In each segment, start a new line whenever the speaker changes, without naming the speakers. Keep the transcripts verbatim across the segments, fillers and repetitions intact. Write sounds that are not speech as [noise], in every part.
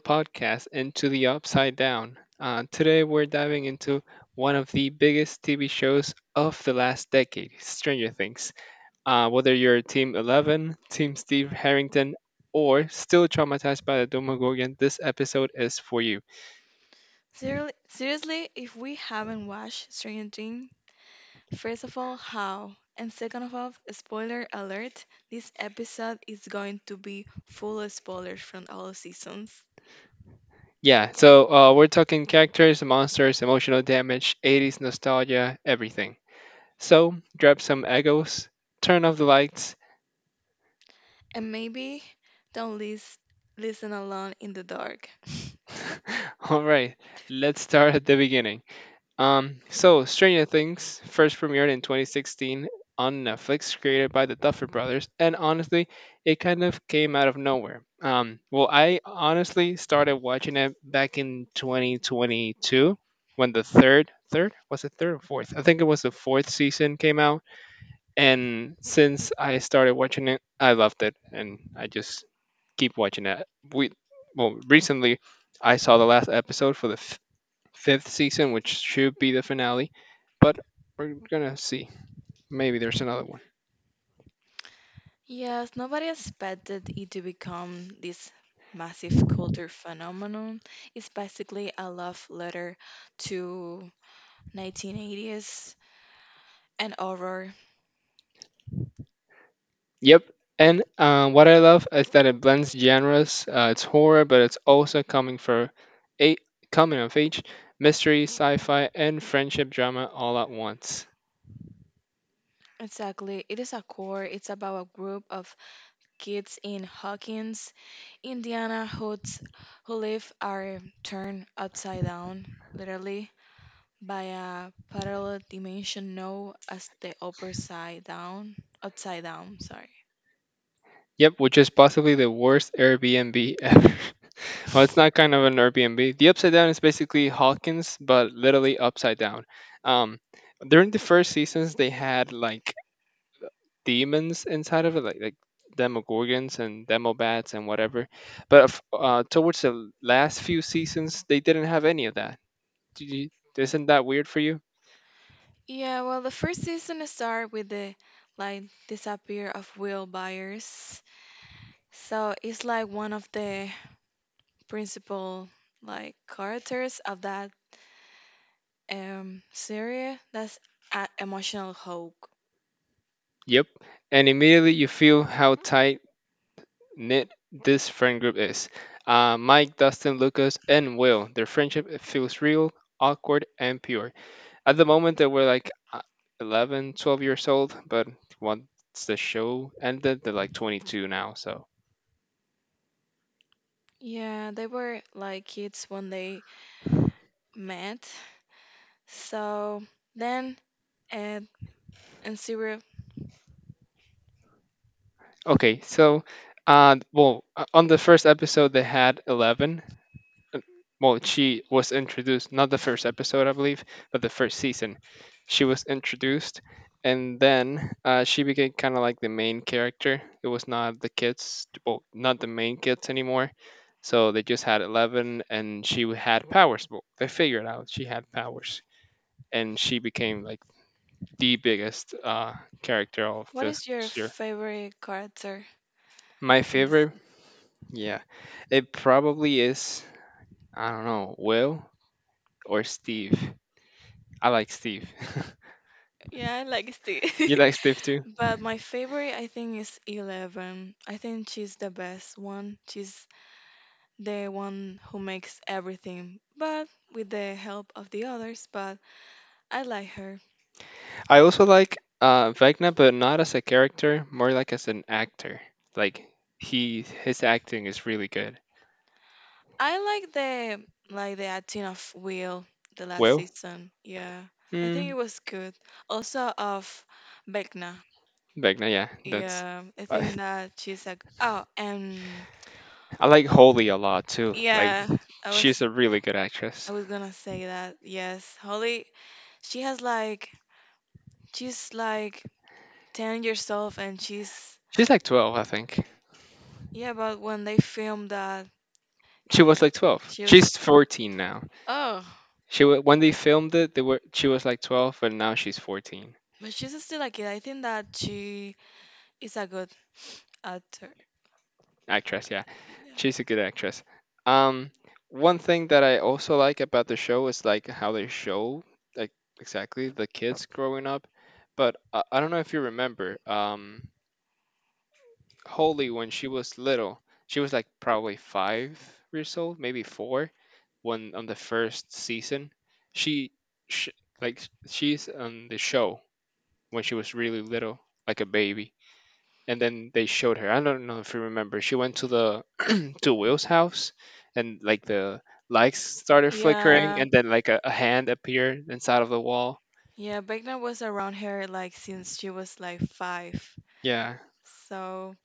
podcast and to the Upside Down. Uh, today, we're diving into one of the biggest T V shows of the last decade, Stranger Things. Uh, whether you're Team eleven, Team Steve Harrington, or still traumatized by the Demogorgon, this episode is for you.
Seriously, seriously, if we haven't watched Stranger Things, first of all, how? And second of all, spoiler alert, this episode is going to be full of spoilers from all seasons.
Yeah, so uh, we're talking characters, monsters, emotional damage, eighties nostalgia, everything. So, grab some egos, turn off the lights.
And maybe don't lis- listen alone in the dark.
[laughs] All right, let's start at the beginning. Um, so Stranger Things first premiered in twenty sixteen on Netflix, created by the Duffer Brothers, and honestly, it kind of came out of nowhere. Um, well, I honestly started watching it back in twenty twenty-two when the third, third was it third or fourth? I think it was the fourth season came out, and since I started watching it, I loved it, and I just keep watching it. We well recently I saw the last episode for the f- fifth season, which should be the finale. But we're gonna see. Maybe there's another one.
Yes, nobody expected it to become this massive culture phenomenon. It's basically a love letter to nineteen eighties and horror.
Yep. And uh, what I love is that it blends genres. Uh, it's horror, but it's also coming for a coming of age, mystery, sci-fi, and friendship drama all at once.
Exactly. It is a core. It's about a group of kids in Hawkins, Indiana, who's, who live are turned upside down, literally, by a parallel dimension known as the upper side down. Upside down, sorry.
Yep, which is possibly the worst Airbnb ever. [laughs] Well, it's not kind of an Airbnb. The Upside Down is basically Hawkins, but literally upside down. Um, during the first seasons, they had like demons inside of it, like like Demogorgons and Demobats and whatever. But of- uh, towards the last few seasons, they didn't have any of that. Did you, isn't that weird for you?
Yeah, well, the first season start with the like disappear of Will Byers. So it's like one of the principal like characters of that um Syria. That's a emotional hug.
Yep. And immediately you feel how tight knit this friend group is. Uh, Mike, Dustin, Lucas, and Will. Their friendship, it feels real, awkward, and pure. At the moment, they were like uh, eleven, twelve years old, but once the show ended, they're like twenty-two now. So
Yeah, they were like kids when they met. So then, and and Syria,
okay, so, uh, well, uh, on the first episode they had Eleven. uh, Well, she was introduced, not the first episode, I believe, but the first season. She was introduced, and then uh, she became kind of like the main character. It was not the kids, well, not the main kids anymore. So they just had Eleven, and she w- had powers. Well, they figured out she had powers, and she became like the biggest uh, character of
what
this
is your
year.
favorite character
My
from this?
favorite,
[laughs]
yeah, it probably is. I don't know, Will or Steve. I like Steve. [laughs]
Yeah, I like Steve.
You like Steve too?
[laughs] But my favorite, I think, is Eleven. I think she's the best one. She's the one who makes everything, but with the help of the others. But I like her.
I also like uh, Vecna, but not as a character, more like as an actor. Like he, his acting is really good.
I like the like the acting of Will the last
Will,
season. Yeah, I think it
mm,
was good. Also of Vecna.
Vecna, yeah, that's.
Yeah, I
I,
think that she's like oh and
I like Holly a lot too. Like
yeah, I
she's
was
a really good
I
actress.
was gonna say that. Yes, Holly. She has like she's like ten years old and she's
She's like twelve, I think.
yeah. But when they filmed that,
She was like twelve.
she was
She's fourteen now.
oh,
She wa When they filmed it, they were she was like twelve, but now she's fourteen.
but she's still a kid. I think that she is a good actor.
Actress, yeah.
Yeah.
She's a good actress. Um, one thing that I also like about the show is like how they show like exactly the kids growing up. But uh, I don't know if you remember, um, Holly when she was little, she was like probably five years old, maybe four, when on the first season, she, she like she's on the show when she was really little, like a baby, and then they showed her. I don't know if you remember. She went to the [clears throat] to Will's house, and like the lights started flickering,
Yeah.
and then like a, a hand appeared inside of the wall.
Yeah, Begna was around her like since she was like five.
Yeah,
So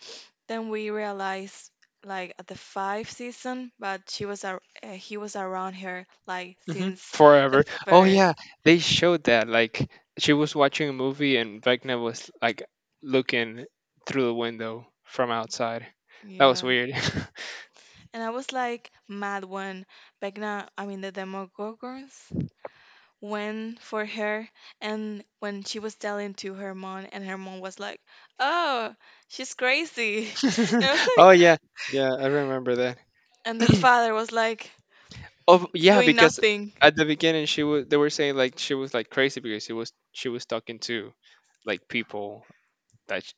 then we realized like at the five season, but she was ar- uh, he was around her like
hmm,
since the
forever. Oh
first.
yeah, they showed that. Like she was watching a movie, and Vecna was like looking through the window from outside. That was
Yeah.
weird.
And I was like mad when Begna, I mean the Demogorgons, when for her and when she was telling to her mom and her mom was like oh she's crazy [laughs] and I was
[laughs] Oh
like
yeah, yeah, I remember.
and the father was like
Oh yeah,
doing
because
nothing
at the beginning she was they were saying like she was like crazy because she was she was talking to like people that she,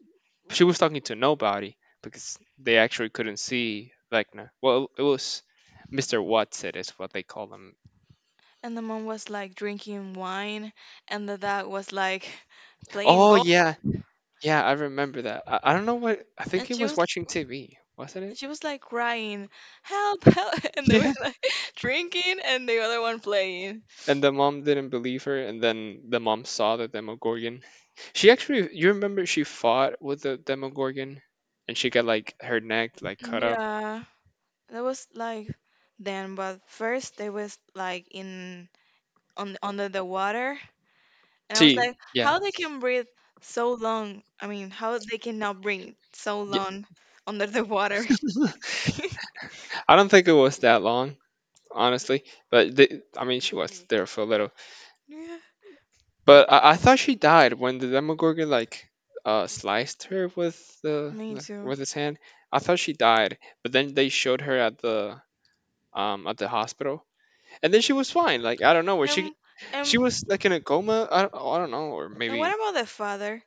she was talking to nobody because they actually couldn't see Vecna. Well, it was mister Watson is what they call him.
and the mom was like drinking wine and the dad was like playing
Oh
golf
yeah, yeah, I remember that. I, I don't know what, I think
and
he
she
was
was
watching T V, wasn't
and she was like crying help help [laughs] and they were
it? [laughs]
like [laughs] drinking and the other one playing
And the mom didn't believe her, and then the mom saw the Demogorgon. She actually, you remember she fought with the Demogorgon, and she got like her neck like cut up.
yeah that was like then but first they was like in on under the water, and I was
She,
like,
yeah,
how they can breathe so long? I mean, how they cannot breathe so
Y-
long under the water? [laughs]
I don't think it was that long, honestly. But they, I mean, she was there for a little.
Yeah,
But I, I thought she died when the Demogorgon like uh sliced her with the
me
the-
too.
with his hand. I thought she died, but then they showed her at the um at the hospital, and then she was fine. Like I don't know where
Um,
she,
um,
she was like in a coma. I don't, I don't know, or
and what
maybe
about the father?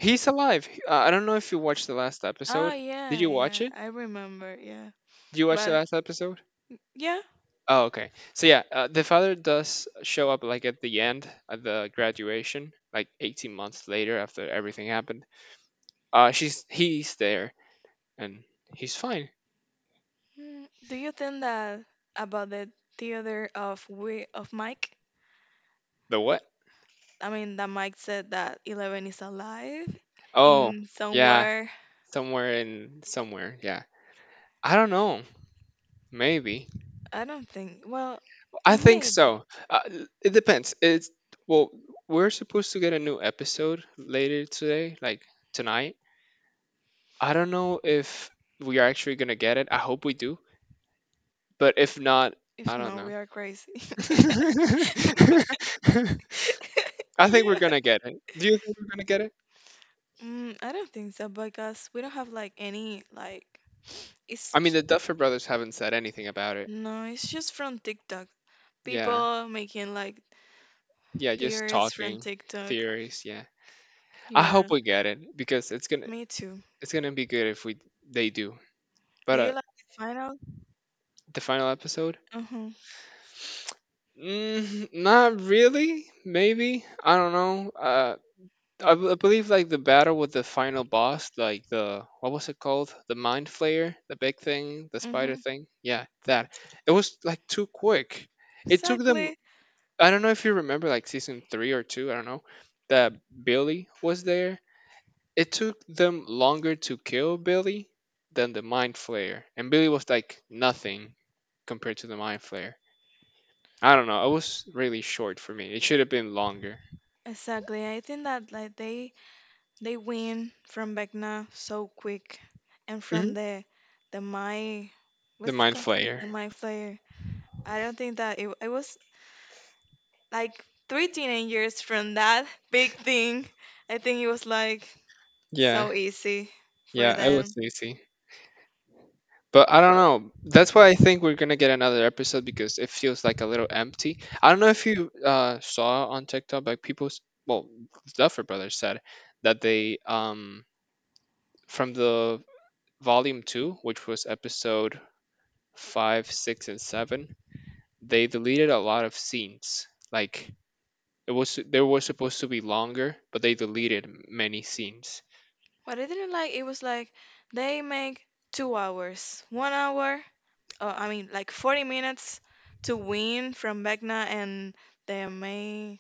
he's alive. Uh, I don't know if you watched the last
Oh
episode. Did
yeah,
you watch
yeah,
it?
I remember. Yeah,
Did you watch the
but
last episode?
yeah.
Oh, okay. So yeah, uh, the father does show up like at the end at the graduation, like eighteen months later after everything happened. Uh, she's he's there and he's fine.
Mm, do you think that about the theater of we of Mike?
The what?
I mean, that Mike said that Eleven is alive
Oh,
in
yeah,
somewhere.
somewhere in somewhere. Yeah, I don't know. Maybe
I don't think. Well,
I think
maybe.
so. Uh, l- it depends. It's well, we're supposed to get a new episode later today, like tonight. I don't know if we are actually gonna get it. I hope we do, but if not,
If
I don't
not,
know.
we are crazy. [laughs]
[laughs] I think we're
Yeah.
gonna get it. Do you think we're gonna get it?
Mm, I don't think so because we don't have like any like. It's
I mean,
j-
the Duffer Brothers haven't said anything about it.
no, it's just from TikTok.
Yeah,
People making like
yeah, just
theories from
talking
TikTok.
theories. Yeah, I
Yeah,
hope we get it because it's gonna
me too.
it's gonna be good if we they do.
Do
But uh,
you like the final?
the final episode?
Uh huh.
Mm, not really. Maybe I don't know. Uh, I, b- I believe like the battle with the final boss, like the what was it called? The mind flayer, the big thing, the spider
Mm-hmm.
thing. Yeah, that. It was like too quick. It took them.
Exactly.
I don't know if you remember like season three or two. I don't know. That Billy was there. It took them longer to kill Billy than the mind flayer, and Billy was like nothing compared to the mind flayer. I don't know. It was really short for me. It should have been longer.
Exactly. I think that like they they win from Vecna so quick and from
Hmm.
the the my
The
what's it
Mind
called?
Flayer.
The my Flayer. I don't think that it it was like three teenagers from that big thing. I think it was like
Yeah.
so easy for
Yeah, it was
them.
Lucy. But I don't know. That's why I think we're gonna get another episode because it feels like a little empty. I don't know if you uh, saw on TikTok, like people, s- well, Duffer Brothers said that they um from the volume two, which was episode five, six, and seven, they deleted a lot of scenes. Like It was they were supposed to be longer, but they deleted many scenes.
What I didn't like, it was like they make two hours, one hour, uh, I mean like forty minutes to win from Vecna and the main,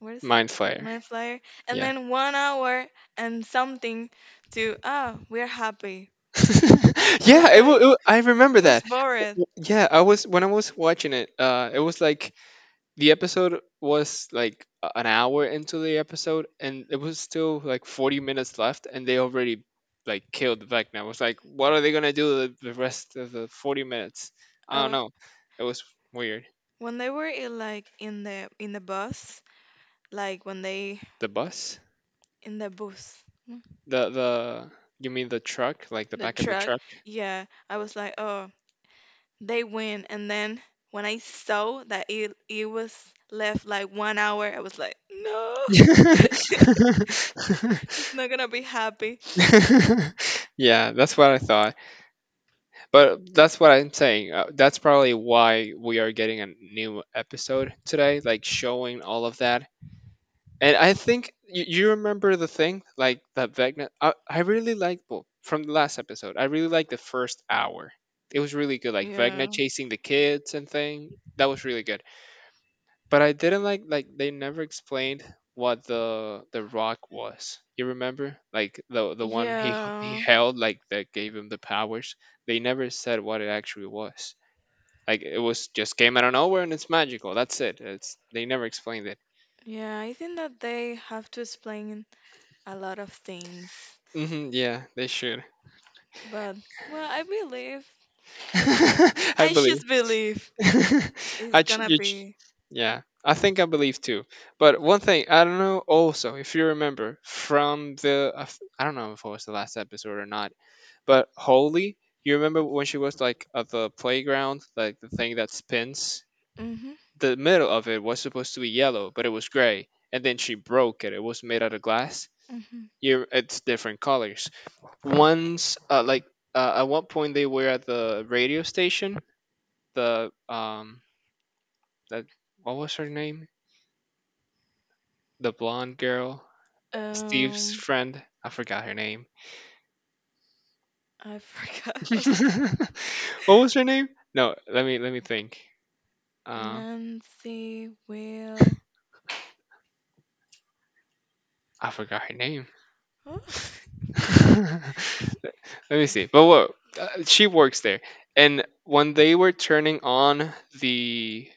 what is
Mindfire.
main flyer, and
Yeah.
then one hour and something to ah we're happy.
[laughs]
I was
Yeah, it, wa-
like,
it wa- I remember
it was
that.
boring.
Yeah, I was when I was watching it, uh it was like the episode was like a- an hour into the episode and it was still like forty minutes left and they already like killed Vecna. I was like, what are they going to do the, the rest of the forty minutes? I
I
don't
was,
know. It was weird.
when they were in, like in the in the bus, like when they
The bus?
in the bus, mm,
The the You mean the truck, like the
the
back of the
truck,
truck?
yeah, I was like, oh they win, and then when I saw that it it was left like one hour, I was like, no, [laughs] it's not gonna be happy.
[laughs] [laughs] Yeah, that's what I thought. But that's what I'm saying. Uh, that's probably why we are getting a new episode today, like showing all of that. And I think you, you remember the thing, like that Vecna. I, I really liked, well, from the last episode. I really liked the first hour. It was really good, like Vecna
Yeah.
chasing the kids and thing. That was really good. But I didn't like like they never explained what the the rock was. You remember? Like the the one he he
Yeah.
held like that gave him the powers. They never said what it actually was. Like it was just came out of nowhere and it's magical. That's it. It's they never explained it.
Yeah, I think that they have to explain a lot of things.
Hmm, yeah, they should.
But well, I believe
[laughs] I
I
believe.
just believe
[laughs]
it's
I ch-
gonna
you ch-
be.
Yeah, I think I believe too. But one thing, I don't know also if you remember from the, I f- I don't know if it was the last episode or not. But Holy, you remember when she was like at the playground, like the thing that spins?
Mhm.
The middle of it was supposed to be yellow, but it was gray. And then she broke it. It was made out of glass.
Mhm.
You, it's different colors. Once, uh, like uh, at one point, they were at the radio station. The um, that what was her name? The blonde girl, Steve's
Um,
friend. I forgot her name.
I forgot.
[laughs] What was her name?
[laughs]
No, let me let me think. Um,
Nancy will.
I forgot her name.
Oh, [laughs] wait.
[laughs] Let me see. But what uh, she works there, and when they were turning on the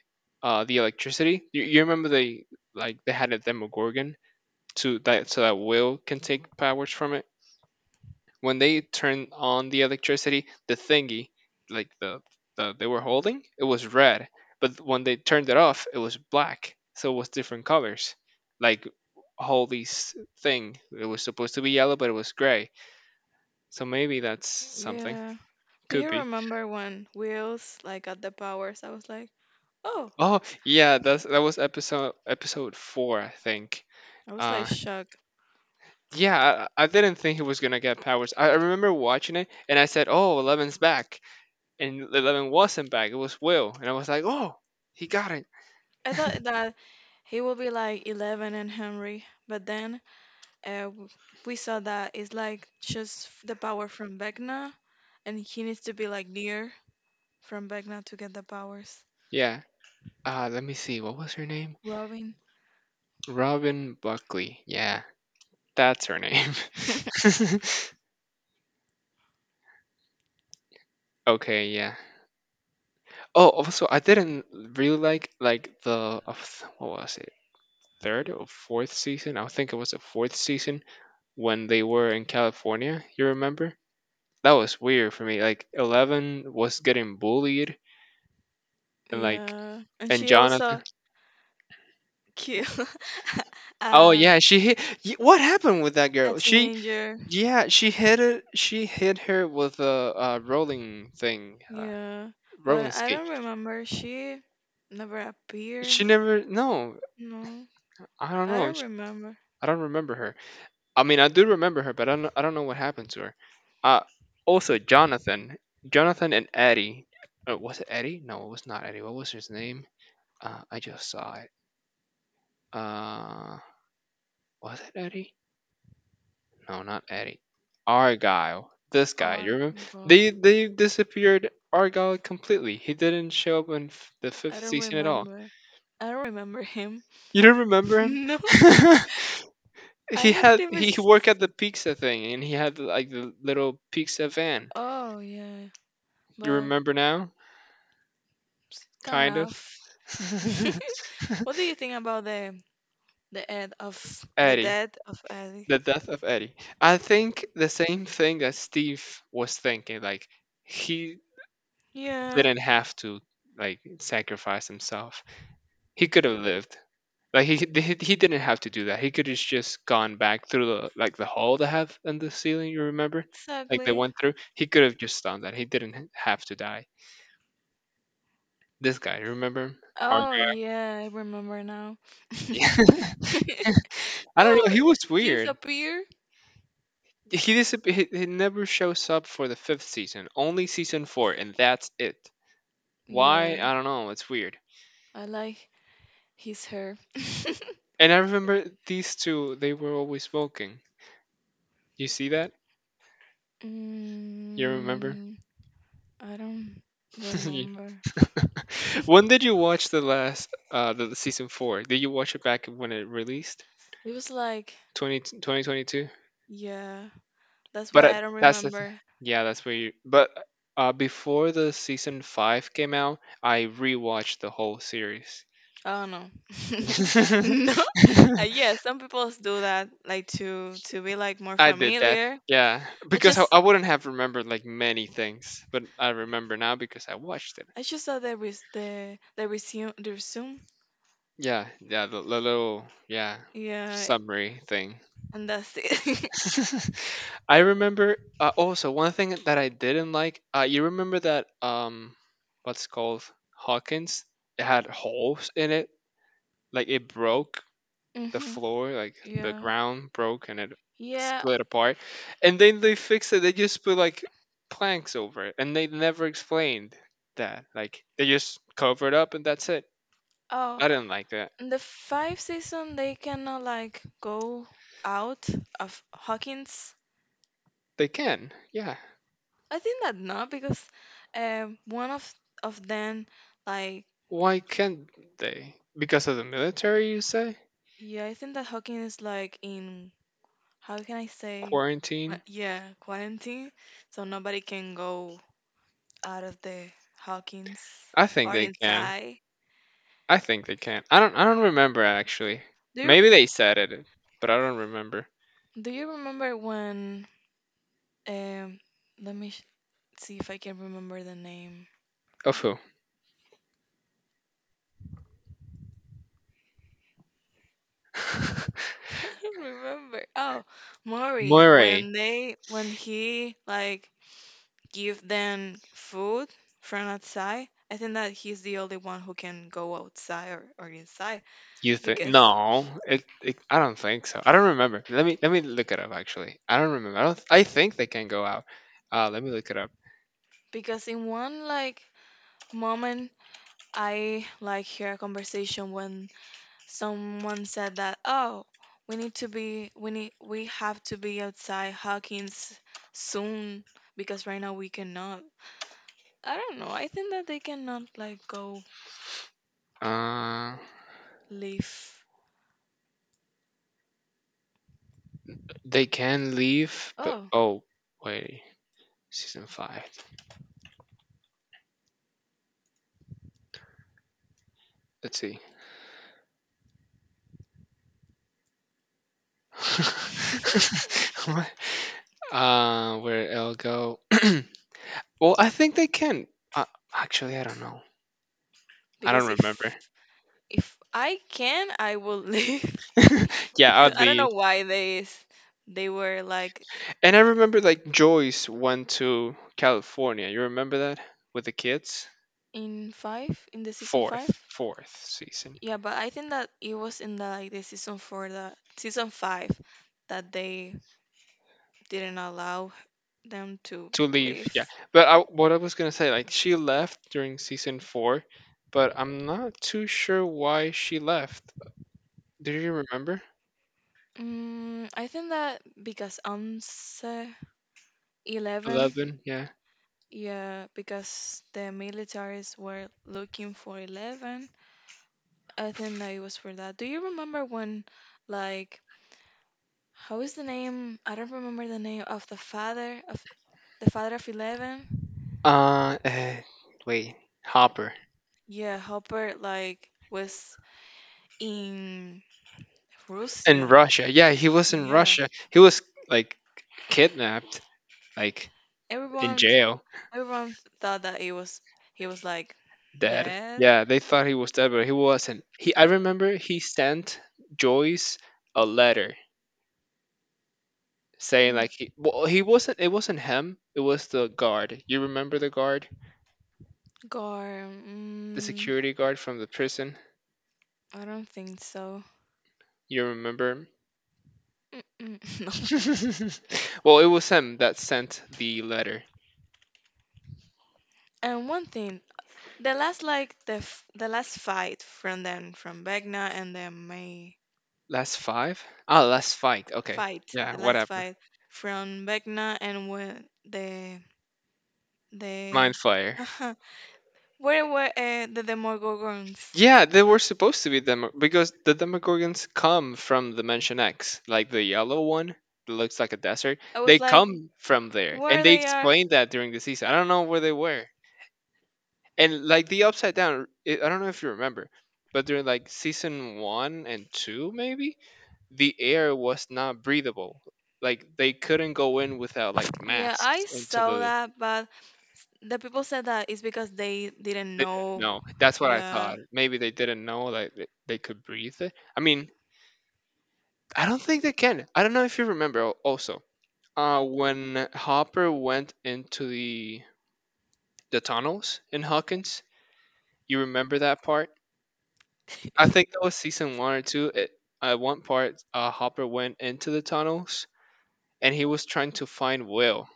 uh the electricity, you, you remember they like they had a Demogorgon to that so that Will can take powers from it. When they turned on the electricity, the thingy, like the the they were holding, it was red. But when they turned it off, it was black. So it was different colors. Like Holy's thing, it was supposed to be yellow, but it was gray. So maybe that's something.
Yeah. Do
Could
you
be.
remember when Wheels like got the powers? I was like, oh,
Oh, yeah, that's that was episode episode four, I think.
I was like
Uh,
shocked.
yeah, I, I didn't think he was gonna get powers. I, I remember watching it and I said, "Oh, Eleven's back," and Eleven wasn't back. It was Will, and I was like, "Oh, he got it."
I thought that he will be like Eleven and Henry, but then uh, w- we saw that it's like just f- the power from Vecna, and he needs to be like near from Vecna to get the powers.
Yeah. Uh, let me see. What was her name?
Robin.
Robin Buckley. Yeah, that's her name.
[laughs]
[laughs] okay. Yeah. Oh, also, I didn't really like like the uh, what was it? Third or fourth season. I think it was the fourth season when they were in California. You remember? That was weird for me. Like Eleven was getting bullied, and like
Yeah, and
and
she
Jonathan.
also killed. [laughs]
Oh
um,
yeah, she hit. y- What happened with that
a
girl? She
teenager.
yeah, she hit it. She hit her with a, uh rolling thing, uh,
Yeah,
rolling
but I
skate.
don't remember. She never appeared.
She never. No,
No,
I don't
I
know.
don't
sh-
remember.
I don't remember her. I mean, I do remember her, but I don't, I don't know what happened to her. Uh, also, Jonathan, Jonathan and Eddie. Uh, was it Eddie? No, it was not Eddie. What was his name? Uh, I just saw it. Uh, was it Eddie? No, not Eddie. Argyle. This guy. You
Oh
remember?
God,
They they disappeared Argyle completely. He didn't show up in f- the
I
fifth
don't
season at all.
remember. I don't remember him.
You don't remember
[laughs]
him?
No,
[laughs]
I
he
have
had
never.
he
s-
worked at the pizza thing, and he had like the little pizza van.
Oh yeah,
You
but
remember now?
s- kind
Kind of.
of. [laughs]
[laughs]
What do you think about the the end of the
Eddie,
death of Ali?
the death of Eddie. I think the same thing that Steve was thinking. Like he
Yeah,
didn't have to like sacrifice himself. He could have lived. Like he, he he didn't have to do that. He could have just gone back through the like the hole they have in the ceiling. You remember, like they
exactly.
went through. He could have just done that. He didn't have to die. This guy, you remember him?
Oh yeah, I remember now. [laughs]
Argan. [laughs] I don't know.
Oh,
He was
he was
weird.
a beer.
He, disap- he he never shows up for the fifth season, only season four, and that's it. Why?
Yeah,
I don't know. It's weird.
I like his hair. [laughs]
And I remember these two; they were always smoking. You see that? You remember?
mm, I don't
[laughs] You-
remember.
when did you
[laughs]
watch the last uh the, the season four? Did you watch it back when it released?
It was like
Twenty twenty twenty two?
yeah, that's
But uh,
why I don't
that's the th-
remember.
yeah, that's where you. But uh, before the season five came out, I rewatched the whole series.
Oh no. [laughs] No. Uh, yeah,
[laughs]
some people do that like to to be like more
I did that.
familiar.
Yeah,
I
because I,
just
I wouldn't have remembered like many things, but I remember now because I watched it.
I just saw the res- the the resume the resume.
Yeah, yeah, the, the little yeah
Yeah,
summary thing.
and that's it.
[laughs] I remember
[laughs]
uh, also one thing that I didn't like. Uh, you remember that um, what's it called Hawkins? It had holes in it, like it broke the
Mhm.
floor, like the
Yeah.
ground broke, and it
Yeah.
split apart, and then they fixed it. They just put like planks over it, and they never explained that. Like they just cover it up, and that's it.
Oh,
I didn't like that.
in the five season they cannot like go out of Hawkins.
They can, yeah.
I think that not because um one of of them like
Why can't they? Because of the military, you say?
yeah I think that Hawking is like in how can I say qua-
Quarantine?
yeah quarantine so nobody can go out of the Hawkins
I think
or
they can.
inside.
I think they can. I don't. I don't remember actually.
Do you
Maybe they said it, but I don't remember.
do you remember when um let me sh- see if I can remember the name.
Of who?
[laughs] I don't remember. Oh,
[laughs]
Maury
Murray.
when they when he like give them food from outside. I think that he's the only one who can go outside or, or inside
You think
because
no? It, it I don't think so. I don't remember. Let me let me look it up actually. I don't remember. I don't. I think they can go out. Uh, let me look it up.
because in one like moment I like hear a conversation when someone said that oh we need to be we need we have to be outside Hawkins soon because right now we cannot. I don't know. I think that they cannot like go
Uh,
live.
they can leave, but
Oh.
oh wait, season five. Let's see. [laughs]
[laughs]
What? Uh, where it'll go? [clears throat] well, I think they can. Uh, actually, I don't know. I don't
Because
remember.
if if I can, I will leave
[laughs]
[laughs]
yeah, I'll
because I don't
oddly.
know why they s- they were like
And I remember like Joyce went to California. You remember that with the kids?
in five in the season
Fourth,
five.
fourth season
Yeah, but I think that it was in the like the season four, the season five, that they didn't allow them to
to leave. Yeah,
leave.
but I, what I was gonna say, like she left during season four, but I'm not too sure why she left. Do you remember?
Mm, I think that because Anse Eleven,
Eleven. Yeah.
yeah, because the militaries were looking for Eleven. I think that it was for that. Do you remember when, like, how is the name? I don't remember the name of the father of the father of Eleven.
Uh, eh, Wait, Hopper
Yeah, Hopper like was in
in
Russia.
Russia. Yeah, he was in
Yeah,
Russia. He was like kidnapped, like in
everyone
jail.
everyone thought that it was he was like
Dead.
dead.
Yeah, they thought he was dead, but he wasn't. He, I remember he sent Joyce a letter saying
Mm.
like he, well, he wasn't. It wasn't him. It was the guard. You remember the guard,
Gar,
the
mm,
security guard from the prison.
I don't think so.
You remember him?
Mm-mm, [laughs] no.
[laughs] well, it was him that sent the letter.
And one thing, the last like the f- the last fight from them from Vecna and the May
Last five? Ah, last fight. Okay.
fight,
Yeah.
the
What
last
happened?
fight from Vecna and when the the
Mind flayer.
uh where were uh, the Demogorgons?
Yeah, they were supposed to be Demo- because the Demogorgons come from Dimension X, like the yellow one that looks like a desert.
I
They
was like,
come from there, and
where
they
they are?
explained that during the season. I don't know where they were, and like the Upside Down. I I don't know if you remember, but during like season one and two, maybe the air was not breathable. Like they couldn't go in without like
Yeah,
masks
I
into
saw
the.
that, but the people said that it's because they didn't know.
No, that's what I
Yeah.
thought. Maybe they didn't know like they they could breathe it. I mean, I don't think they can. I don't know if you remember al- also. Uh, when Hopper went into the the tunnels in Hawkins, you remember that part?
[laughs]
I think that was season one or two. It, at one part, uh, Hopper went into the tunnels and he was trying to find Will.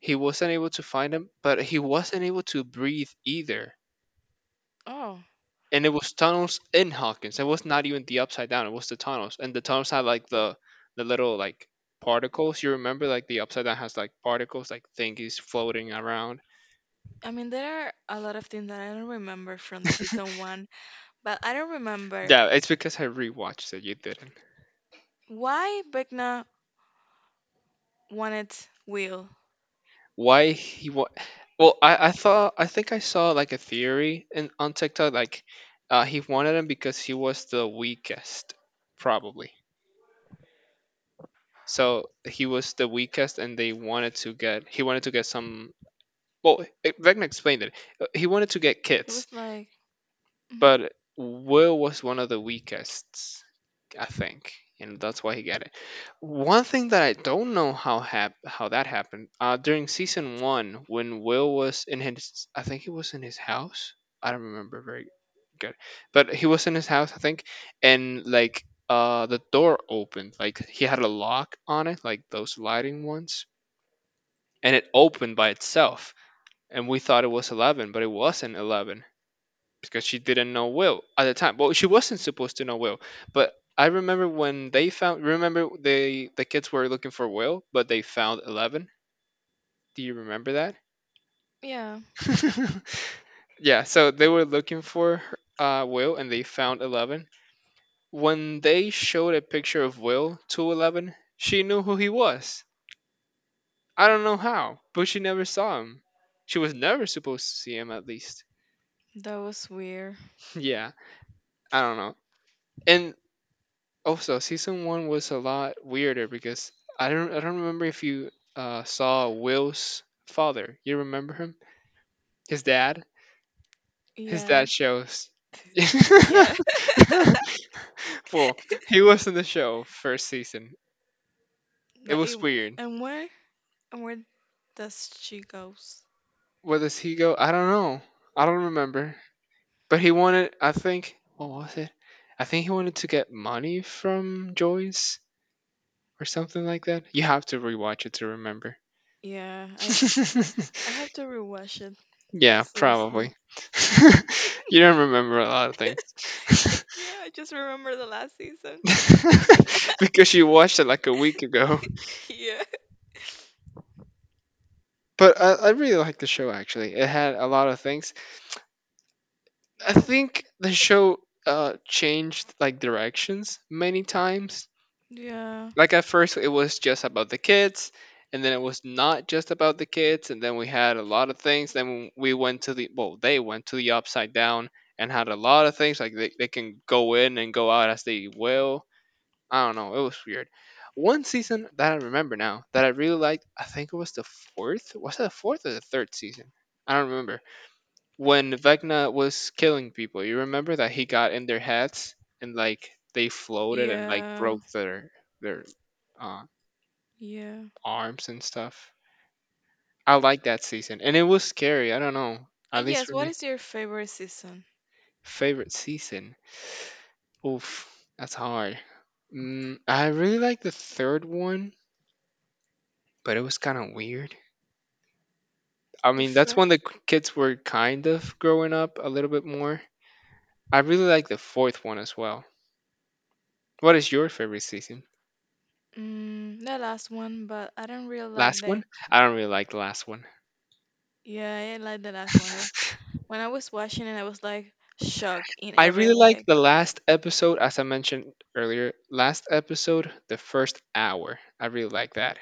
He wasn't able to find him, but he wasn't able to breathe either.
Oh,
And it was tunnels in Hawkins. It was not even the upside down. It was the tunnels, and the tunnels had like the the little like particles. You remember like the upside down has like particles, like thingies floating around.
I mean, there are a lot of things that I don't remember from the season one, but I don't remember
Yeah, it's because I rewatched it. You didn't.
why Vecna wanted Will.
Why he wa- well, I I thought I think I saw like a theory in on TikTok like uh, he wanted him because he was the weakest, probably. So he was the weakest, and they wanted to get he wanted to get some. Well, eh, Vecna explained it. Uh, He wanted to get
It
Kit,
was like,
but Will was one of the weakest, I think, and that's why he got it. One thing that I don't know how hap- how that happened uh, during season one when Will was in his, I think he was in his house. I don't remember very good, but he was in his house, I think, and like uh, the door opened, like he had a lock on it, like those sliding ones, and it opened by itself, and we thought it was eleven, but it wasn't eleven because she didn't know Will at the time. Well, she wasn't supposed to know Will. But I remember when they found. Remember they the kids were looking for Will, but they found eleven. Do you remember that?
yeah,
[laughs] yeah, so they were looking for uh, Will, and they found eleven. When they showed a picture of Will to eleven, she knew who he was. I don't know how, but she never saw him. She was never supposed to see him, at least.
that was weird.
[laughs] yeah, I don't know. And also, season one was a lot weirder because I don't I don't remember if you uh, saw Will's father. You remember him? His dad? His
Yeah,
dad shows.
yeah. [laughs]
[laughs] well, he was in the show first season. It
Like,
was
it,
weird.
and where and where does she goes?
Where does he go? I don't know. I don't remember. But he wanted, I think, what was it? I think he wanted to get money from Joyce or something like that. You have to rewatch it to remember.
Yeah, I I have
[laughs]
to rewatch it
yeah,
seriously.
probably. [laughs] you don't remember a lot of things
[laughs] Yeah, I just remember the last season.
[laughs] because you watched it like a week ago.
[laughs] Yeah.
But I, I really liked the show actually. It had a lot of things. I think the show uh changed like directions many times.
Yeah.
Like at first it was just about the kids, and then it was not just about the kids, and then we had a lot of things. Then we went to the well, they went to the upside down and had a lot of things. Like they, they can go in and go out as they will. I don't know, it was weird. One season that I remember now that I really liked. I think it was the fourth. Was it the fourth or the third season? I don't remember. When Vecna was killing people, you remember that? He got in their heads and like they floated and like
Yeah,
broke their their uh,
yeah.
arms and stuff. I like that season, and it was scary. I don't know,
Uh,
at least
yes,
for
what
me.
is your favorite season?
Favorite season? Oof, that's hard. Mm, I really like the third one, but it was kind of weird. I
The
mean, that's when the
first?
k- kids were kind of growing up a little bit more. I really like the fourth one as well. What is your favorite season?
Mm, the last one, but I don't really like
Last
that.
one? I don't really like the last one.
Yeah, I didn't like the last one. It was when I was watching it, I was like shocked in
I
every
really like
like.
the last episode, as I mentioned earlier. Last episode, the first hour. I really like that.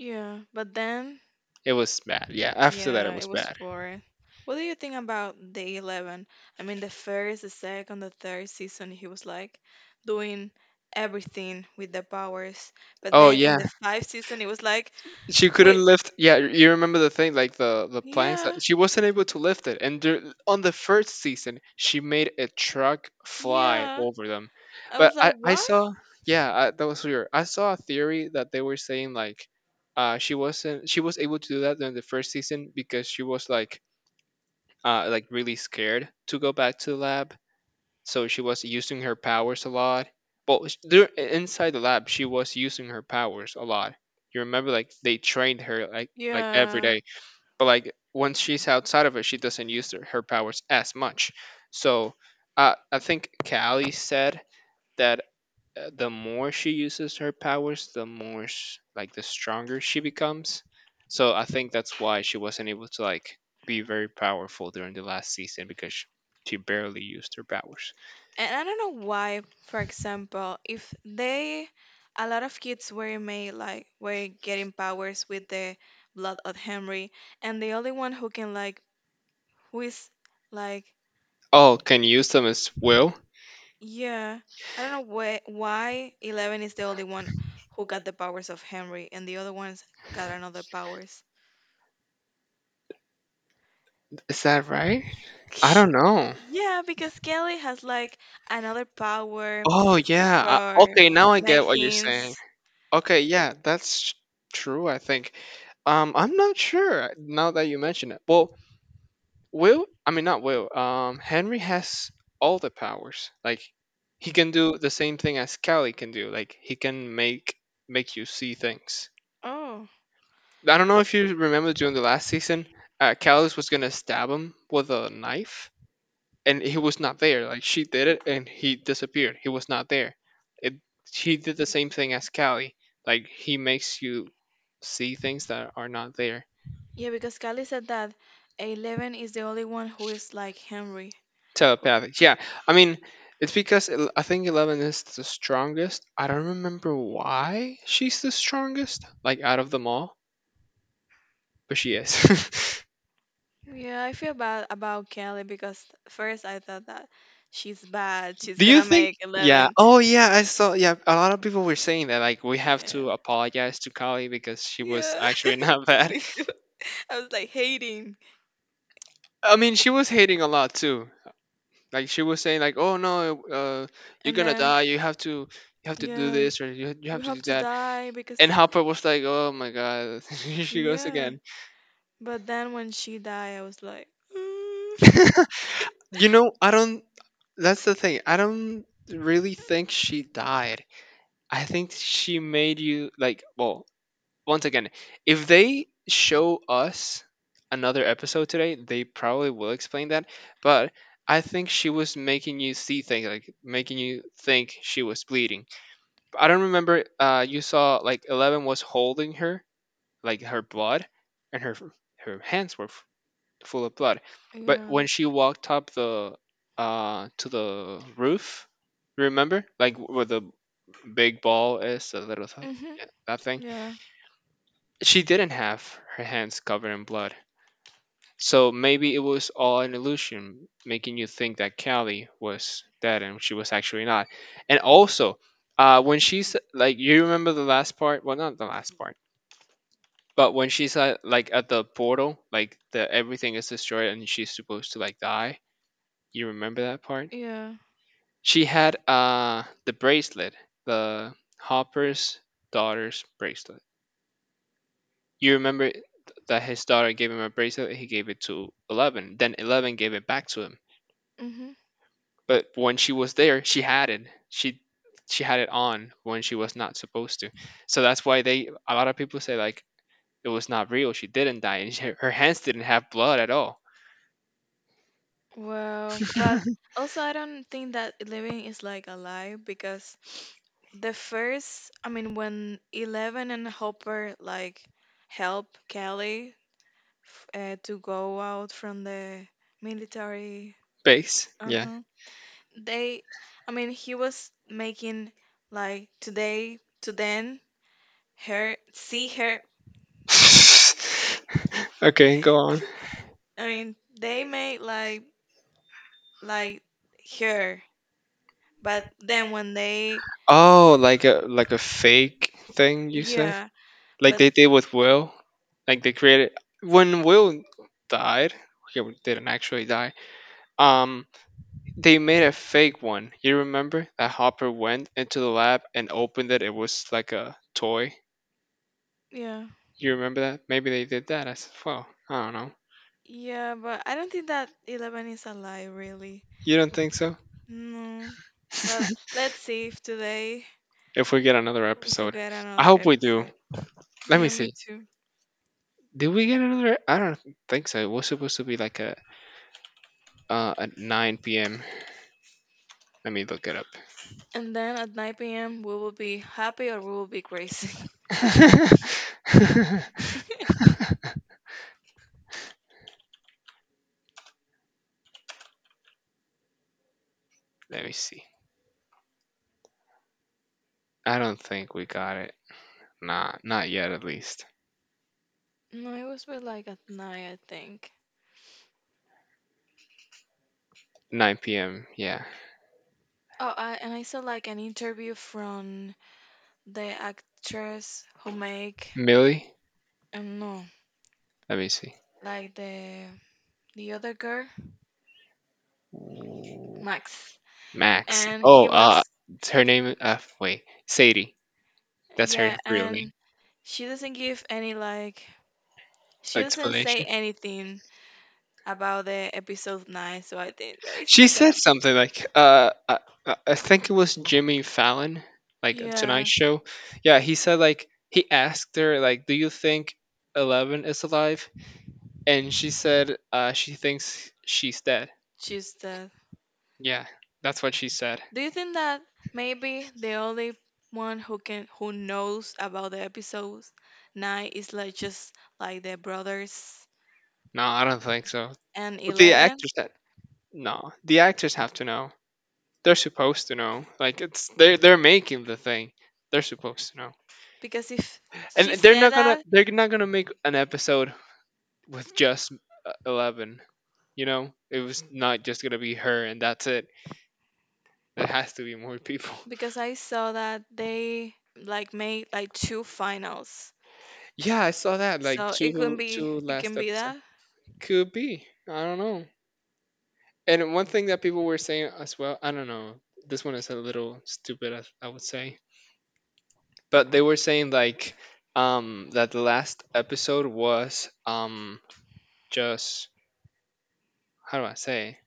Yeah, but then
It was bad. Yeah, after that it
yeah, it
was
was
bad.
four. What do you think about the eleven? I mean, the first, the second, the third season, he was like doing everything with the powers. But
Oh
then in
yeah,
the fifth season, it was like,
she couldn't
wait,
lift. Yeah, y- you remember the thing like the the planks.
yeah,
that- She wasn't able to lift it, and dur- on the first season, she made a truck fly
yeah.
over them.
I
But
was
I
like,
I
why?
saw, yeah, I, that was weird. I saw a theory that they were saying like, uh, she wasn't she was able to do that during the first season because she was like uh like really scared to go back to the lab, so she was using her powers a lot. Well, sh- dur- inside the lab, she was using her powers a lot. You remember, like they trained her like like every
Yeah.
day, but like once she's outside of it, she doesn't use her, her powers as much. So, uh, I think Callie said that uh, the more she uses her powers, the more s like the stronger she becomes. So I think that's why she wasn't able to like be very powerful during the last season because she barely used her powers.
And I don't know why, for example, if they, a lot of kids were made like, were getting powers with the blood of Henry, and the only one who can, like, who is, like,
Oh, can use them as well?
yeah, I don't know why, why Eleven is the only one who got the powers of Henry, and the other ones got another powers.
Is that right? I don't
[laughs]
know.
Yeah, because Kelly has, like, another power
Oh, yeah. I,
for,
okay, now I get
like,
what you're saying.
things.
Okay, yeah, that's true, I think. Um, I'm not sure now that you mention it. Well, Will, I mean, not Will, um, Henry has all the powers. Like, he can do the same thing as Callie can do. Like, he can make make you see things.
Oh.
I don't know if you remember during the last season. uh, Callus was gonna stab him with a knife, and he was not there. Like she did it, and he disappeared. He was not there. It she did the same thing as Callie. Like he makes you see things that are not there.
Yeah, because Callie said that Eleven is the only one who is like Henry. Who-
Telepathic. Yeah, I mean it's because el- I think Eleven is the strongest. I don't remember why she's the strongest. Like out of them all, but she is. [laughs]
Yeah, I feel bad about Kelly because first I thought that she's bad. She's
Do you
gonna
think?
make
Yeah.
Eleven.
Oh, yeah. I saw. Yeah, a lot of people were saying that. Like, we have
Yeah.
to apologize to Kali because she was
Yeah.
actually not [laughs]
[laughs]
bad.
Me too. I was like hating.
I mean, she was hating a lot too. Like she was saying, like, "Oh no, uh, you're
And
gonna
then,
die. You have to, you have to do
yeah,
this, or you you
we
have to
have
do
to
that."
die because,
And Hopper was like, "Oh my god, [laughs] here she goes
yeah.
again."
But then when she died, I was like,
[laughs] you know, I don't. That's the thing. I don't really think she died. I think she made you like. Well, once again, if they show us another episode today, they probably will explain that. But I think she was making you see things, like making you think she was bleeding. I don't remember. Uh, you saw like Eleven was holding her, like her blood, and her her hands were f- full of blood.
[laughs]
But
yeah.
when she walked up the uh to the roof, remember, like where the big ball is, the little th-
Mhm.
yeah, that thing,
Yeah.
she didn't have her hands covered in blood, so maybe it was all an illusion, making you think that Callie was dead and she was actually not. And also, uh, when she's like, you remember the last part? Well, not the last part, but when she's at, like at the portal, like the everything is destroyed and she's supposed to like die. You remember that part?
Yeah.
She had uh the bracelet, the Hopper's daughter's bracelet. You remember th- that his daughter gave him a bracelet, he gave it to Eleven. Then Eleven gave it back to him.
Mhm.
But when she was there, she had it. She she had it on when she was not supposed to. So that's why they a lot of people say like it was not real. She didn't die, and she, her hands didn't have blood at all.
Well, but also I don't think that living is like a lie because the first, I mean, when Eleven and Hopper like help Kelly f- uh, to go out from the military,
Base, yeah.
uh-huh. They, I mean, he was making like today to then her see her.
[laughs] okay, go on.
I mean, they made like like her. But then when they,
Oh, like a like a fake thing you say?
yeah,
Like
but
they did with Will. Like they created when Will died. He didn't actually die. Um, they made a fake one. You remember that Hopper went into the lab and opened it. It was like a toy.
yeah,
You remember that? Maybe they did that as well. I don't know.
yeah, but I don't think that eleven is a lie, really.
You don't think so?
No, but
[laughs]
let's see if today,
if we get another
if we
episode,
get
I
another
hope we do.
episode.
Let me
Yeah, me
see.
too.
Did we get another? e-, I don't think so. It was supposed to be like a uh at nine p m. Let me look it
And then at nine p m, we will be happy or we will be crazy. [laughs]
up. [laughs] Let me see. I don't think we got it. Nah, not yet at least.
No, it was with like at night, I think.
nine p m. Yeah.
Oh, I, and I saw like an interview from the actress who make
Millie?
um no,
Let me see.
like the the other girl
Ooh,
Max.
Max.
And he
Oh, uh,
was,
her name. Uh, wait, Sadie. That's her
yeah,
real name.
and she doesn't give any, like, she doesn't say
Explanation.
anything about the episode nine, so I think that it's
She
not
said
gonna be.
something like, uh, I, I I think it was Jimmy Fallon, like a Tonight
Yeah,
Show. Yeah, he said like he asked her like, do you think Eleven is alive? And she said uh, she thinks she's dead.
she's dead.
Yeah, that's what she said.
Do you think that maybe the only one who can, who knows about the episodes nine is like just like the brothers
No, I don't think so.
and
But the
eleven?
actors that no, the actors have to know. They're supposed to know. Like it's they're they're making the thing. They're supposed to know.
Because if she
And they're
said
not gonna
that,
they're not gonna make an episode with just uh, Eleven. You know, it was not just gonna be her and that's it. There has to be more people. [laughs]
because I saw that they like made like two finals.
Yeah, I saw that. Like
So it can
two
be
two
it can
last
be that
could be. I don't know. And one thing that people were saying as well, I don't know, this one is a little stupid, I, I would say, but they were saying like um that the last episode was um just how do I say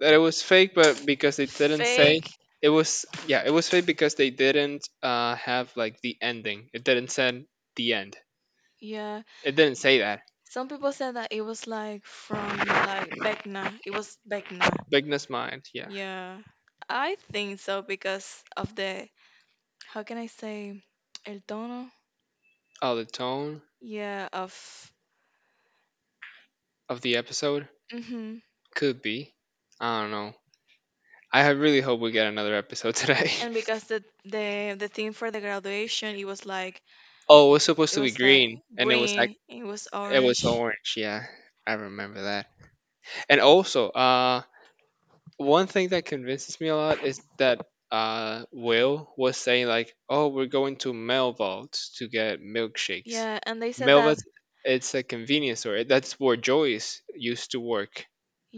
that, it was fake, but because they didn't say
fake.
it was, yeah, it was fake because they didn't uh have like the ending. It didn't say the end.
Yeah.
It didn't say that.
Some people said that it was like from like Beckna. It was Beckna.
Bigness mind, yeah.
Yeah. I think so because of the how can I say el tono?
Oh, the tone
Yeah, of
of the episode
hmm
could be. I don't know. I have- really hope we get another episode today.
and because the the the theme for the graduation, it was like
[laughs] oh, it was supposed
it
to be
was like
green, and it was like
green, it was
it was
orange.
orange. Yeah, I remember that. And also, uh, one thing that convinces me a lot is that uh, Will was saying like, "Oh, we're going to Mel Vaults to get milkshakes."
Yeah, and they said
Mel Vaults, it's a convenience store. That's where Joyce used to work.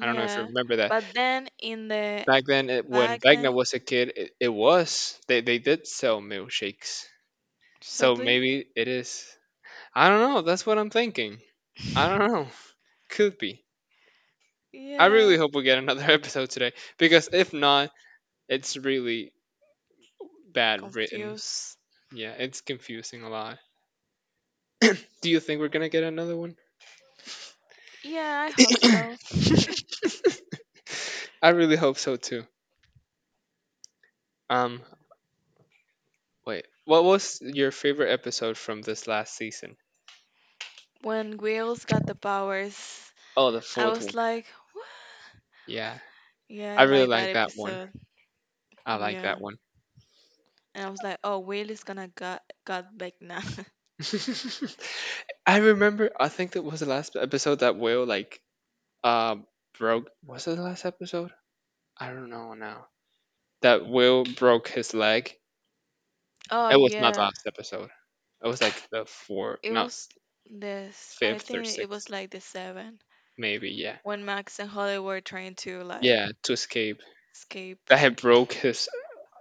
I don't know if you remember that.
But then in the
Back then, it, when
back
Vegna
then,
was a kid, it, it was. They, they did sell milkshakes.
so
So
do you?
maybe it is. I don't know. That's what I'm thinking. I don't know. Could be. I really
Yeah.
hope we get another [laughs] episode today because if not, it's really bad written.
Confused.
Yeah, it's confusing a lot. Do you think we're gonna get another one?
Yeah, I hope so. [laughs]
I really hope so too. Um, wait, what was your favorite episode from this last season?
when Wheels got the powers,
Oh, the
I
fourth one.
was like,
Yeah,
yeah, I
I really
like that
like that one.
episode.
I like
Yeah.
that one.
And I was like, oh, Will is gonna got got back now.
[laughs] I remember. I think that was the last episode that Will like uh broke. Was it the last episode? I don't know now. That Will broke his leg.
[laughs] oh
It was not the
yeah,
last episode. It was like the fourth,
it
not
was this. I
fifth or
think it
sixth,
was like the seven
maybe. Yeah,
when Max and Holly were trying to like
yeah. To escape,
escape.
that had broke his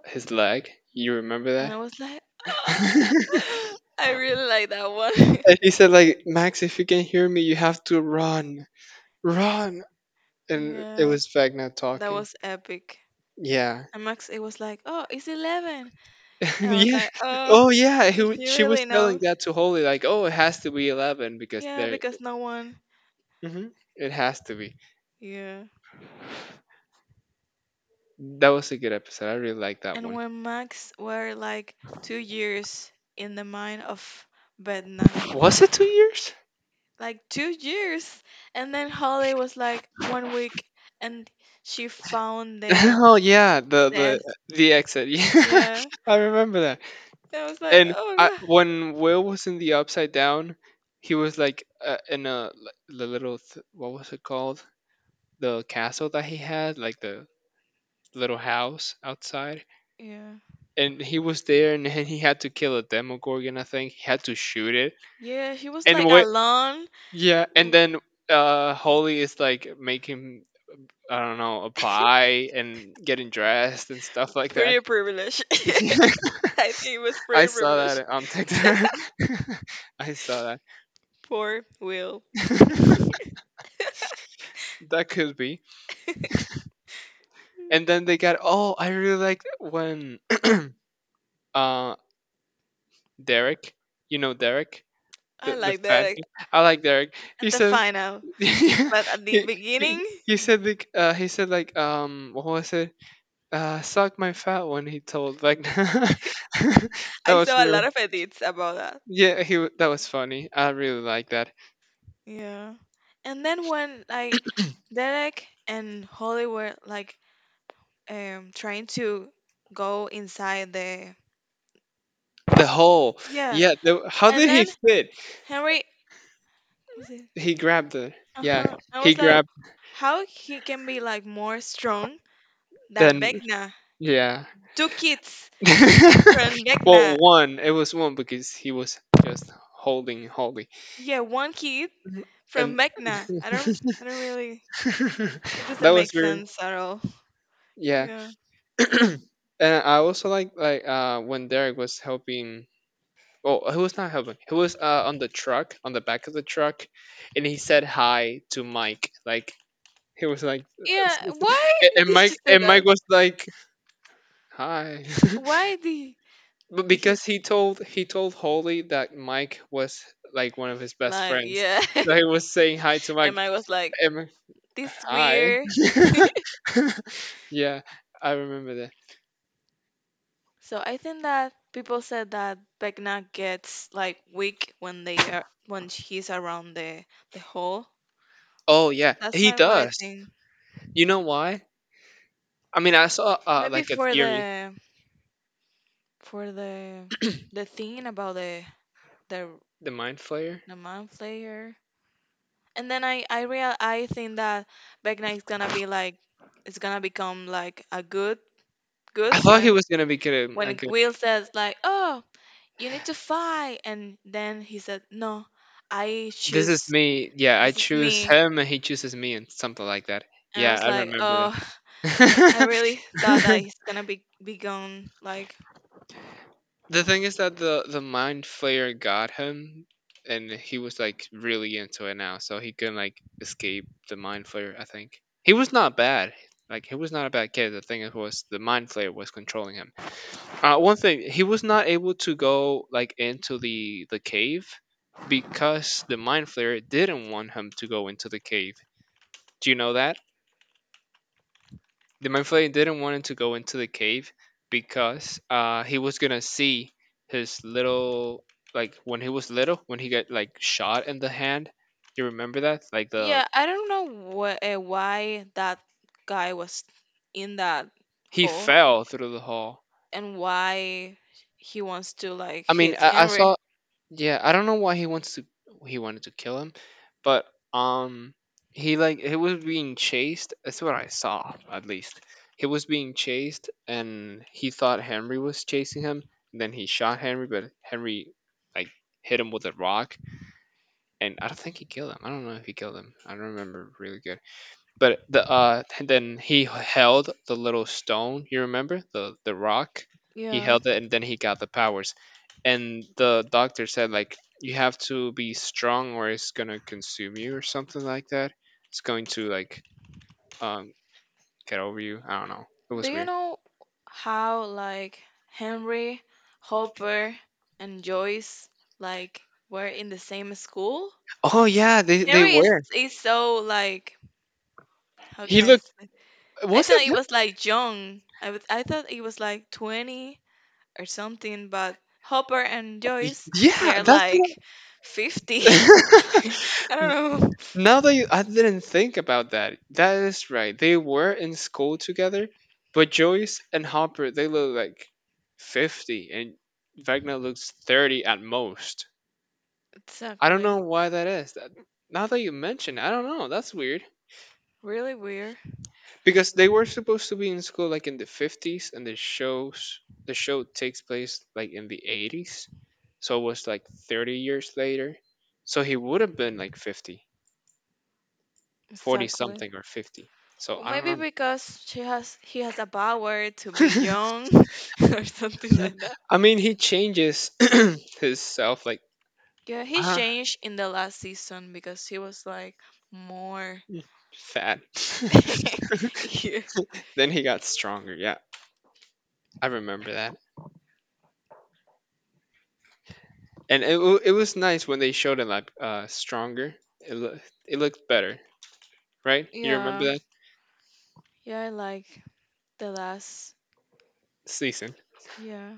his leg. You remember
And
that?
I was like, "Ah."
[laughs]
[laughs] I really like that one.
and he said like, Max, if you can hear me, you have to run, run.
[laughs]
And it
yeah,
was Vagna
that
talking.
was epic.
Yeah.
And Max, it was like, oh, it's eleven.
[laughs]
And I was
yeah.
like, oh,
Oh yeah, he,
if
w-
you
she
really
was
know.
telling that to Holy like, "Oh, it has to be eleven because
Yeah,
there
because no one.
hmm it has to be."
Yeah.
That was a good episode. I really liked that
And
one.
when Max were like two years in the mind of Bedna,
Was it two years? [laughs]
like two years, and then Holly was like one week and she found the
Oh yeah, the the
nest.
the exit. [laughs] Yeah.
Yeah,
I remember that.
and I was like,
And I,
oh
when
[sighs] god.
Will was in the upside down, he was like uh, in a li- the little th- what was it called? The castle that he had, like the little house outside.
Yeah,
And he was there, and, and he had to kill a demogorgon. I think he had to shoot it
yeah, he was
and
like
what,
alone,
yeah. And
w-
then uh Holly is like making I don't know a pie and getting dressed and stuff like that.
pretty privileged. [laughs]
[laughs]
I think it was
I
pretty
saw
privileged,
that on TikTok. [laughs] I saw that.
poor Will.
[laughs] that could be.
[laughs]
And then
Mm.
they got, oh, I really liked when [clears throat] uh Derek, you know Derek,
I
The, the
like that,
fat
like,
kid. I like Derek.
at
He
the
said,
final,
[laughs] he,
but at the
he,
beginning
he said like uh, he said like um what was it? Uh, suck my fat one. He told like [laughs] that
I
was
saw a
really,
lot of edits about that.
yeah. He wa- that was funny. I really like that.
Yeah. And then when like Derek and Holly were like um trying to go inside the,
The hole.
yeah.
Yeah. The, how
And
did he
then
fit?
Henry was it?
He grabbed the, yeah.
Uh-huh. I
He
was like,
grabbed,
how he can be like more strong than
then
Vecna.
yeah.
Two kids
[laughs]
from
Well,
Vecna.
one. It was one because he was just holding holding
Yeah, one kid from
and
Vecna. I don't I don't really, it
[laughs] that
doesn't
was
make
weird.
sense at all.
Yeah.
Yeah.
[clears throat] And I also like like uh when Derek was helping, well, he was not helping. He was uh on the truck, on the back of the truck, and he said hi to Mike. Like he was like
Yeah, why
[laughs]
did
and
you
Mike
say
and Mike
that?
was like hi.
Why did
[laughs] But
did he
because he told he told Holly that Mike was like one of his best
like,
friends.
yeah?
So he was saying hi to
[laughs] and
Mike.
I was [laughs] like,
And
this
hi.
weird. [laughs]
[laughs] Yeah, I remember.
So I think that people said that Vecna gets like weak when they are when he's around the the hole.
Oh yeah,
That's
he
like what I
does.
think.
You know why? I mean, I saw uh,
Maybe
like a
for
theory,
the for the the thing about the the
the mind flayer.
the man player. And then I I real I think that Vecna is gonna be like, it's gonna become like a good
I
good
thought he
when
was gonna be good. At,
when
good.
Will says like, oh, you need to fight, and then he said, no, I
This is
choose,
me. Yeah, I
this is
choose
me.
him, and he chooses me, and something like that.
And I
Yeah,
was
I
like,
remember
oh, [laughs] I
that.
really thought that
[laughs]
he's gonna be be gone, like,
The thing is that the the mind flayer got him, and he was like really into it now, so he couldn't like escape the mind flayer. I think he was not bad. Like he was not a bad kid. The thing is was the mind flayer was controlling him. Uh, one thing, he was not able to go like into the the cave because the mind flayer didn't want him to go into the cave. Do you know that? The mind flayer didn't want him to go into the cave because uh he was gonna see his little, like when he was little, when he got like shot in the hand. You remember that? Like the,
yeah, I don't know what, uh, why that guy was in that
he
hole
fell through the hall.
and why he wants to like
I mean,
hit
I, I saw.
Henry.
Yeah, I don't know why he wants to he wanted to kill him, but um he like he was being chased. That's what I saw at least. He was being chased and he thought Henry was chasing him and then he shot Henry but Henry like hit him with a rock and I don't think he killed him. I don't know if he killed him. I don't remember really good. But the, uh then he held the little stone, you remember? The the rock. He
Yeah.
held it and then he got the powers. And the doctor said like, you have to be strong or it's going to consume you or something like that. It's going to like um get over you. I don't know. It
Do
was
you
weird.
know how like Henry, Hopper, and Joyce like were in the same school?
Oh yeah, they they
Henry is
were.
is so like, how can
He
I
looked,
say? I
was it
thought it
him?
was like young. I was I thought it was like twenty or something, but Hopper and Joyce they
Yeah,
are
that's
like
what
fifty.
I- [laughs]
[laughs] I don't know
Now that you, I didn't think about that. That is right. They were in school together, but Joyce and Hopper they look like fifty, and Wagner looks thirty at most. I don't know
exactly.
why that is. That, now that you mention it, I don't know. That's weird
Really weird.
because they were supposed to be in school like in the fifties, and the shows the show takes place like in the eighties, so it was like thirty years later. So he would have been like fifty, forty
Exactly.
something or fifty. So
Well,
I
maybe
don't
because she has he has a power to be
know. [laughs]
young [laughs] or something like that.
I mean, he changes [clears throat] his self like
Yeah, he
uh,
changed in the last season because he was like more.
fat. [laughs]
[laughs] yeah.
Then he got stronger. Yeah, I remember that. And it wa- it was nice when they showed it like uh stronger. It loo- it looked better, right? You remember
Yeah,
that
yeah, I like the last.
season?
Yeah.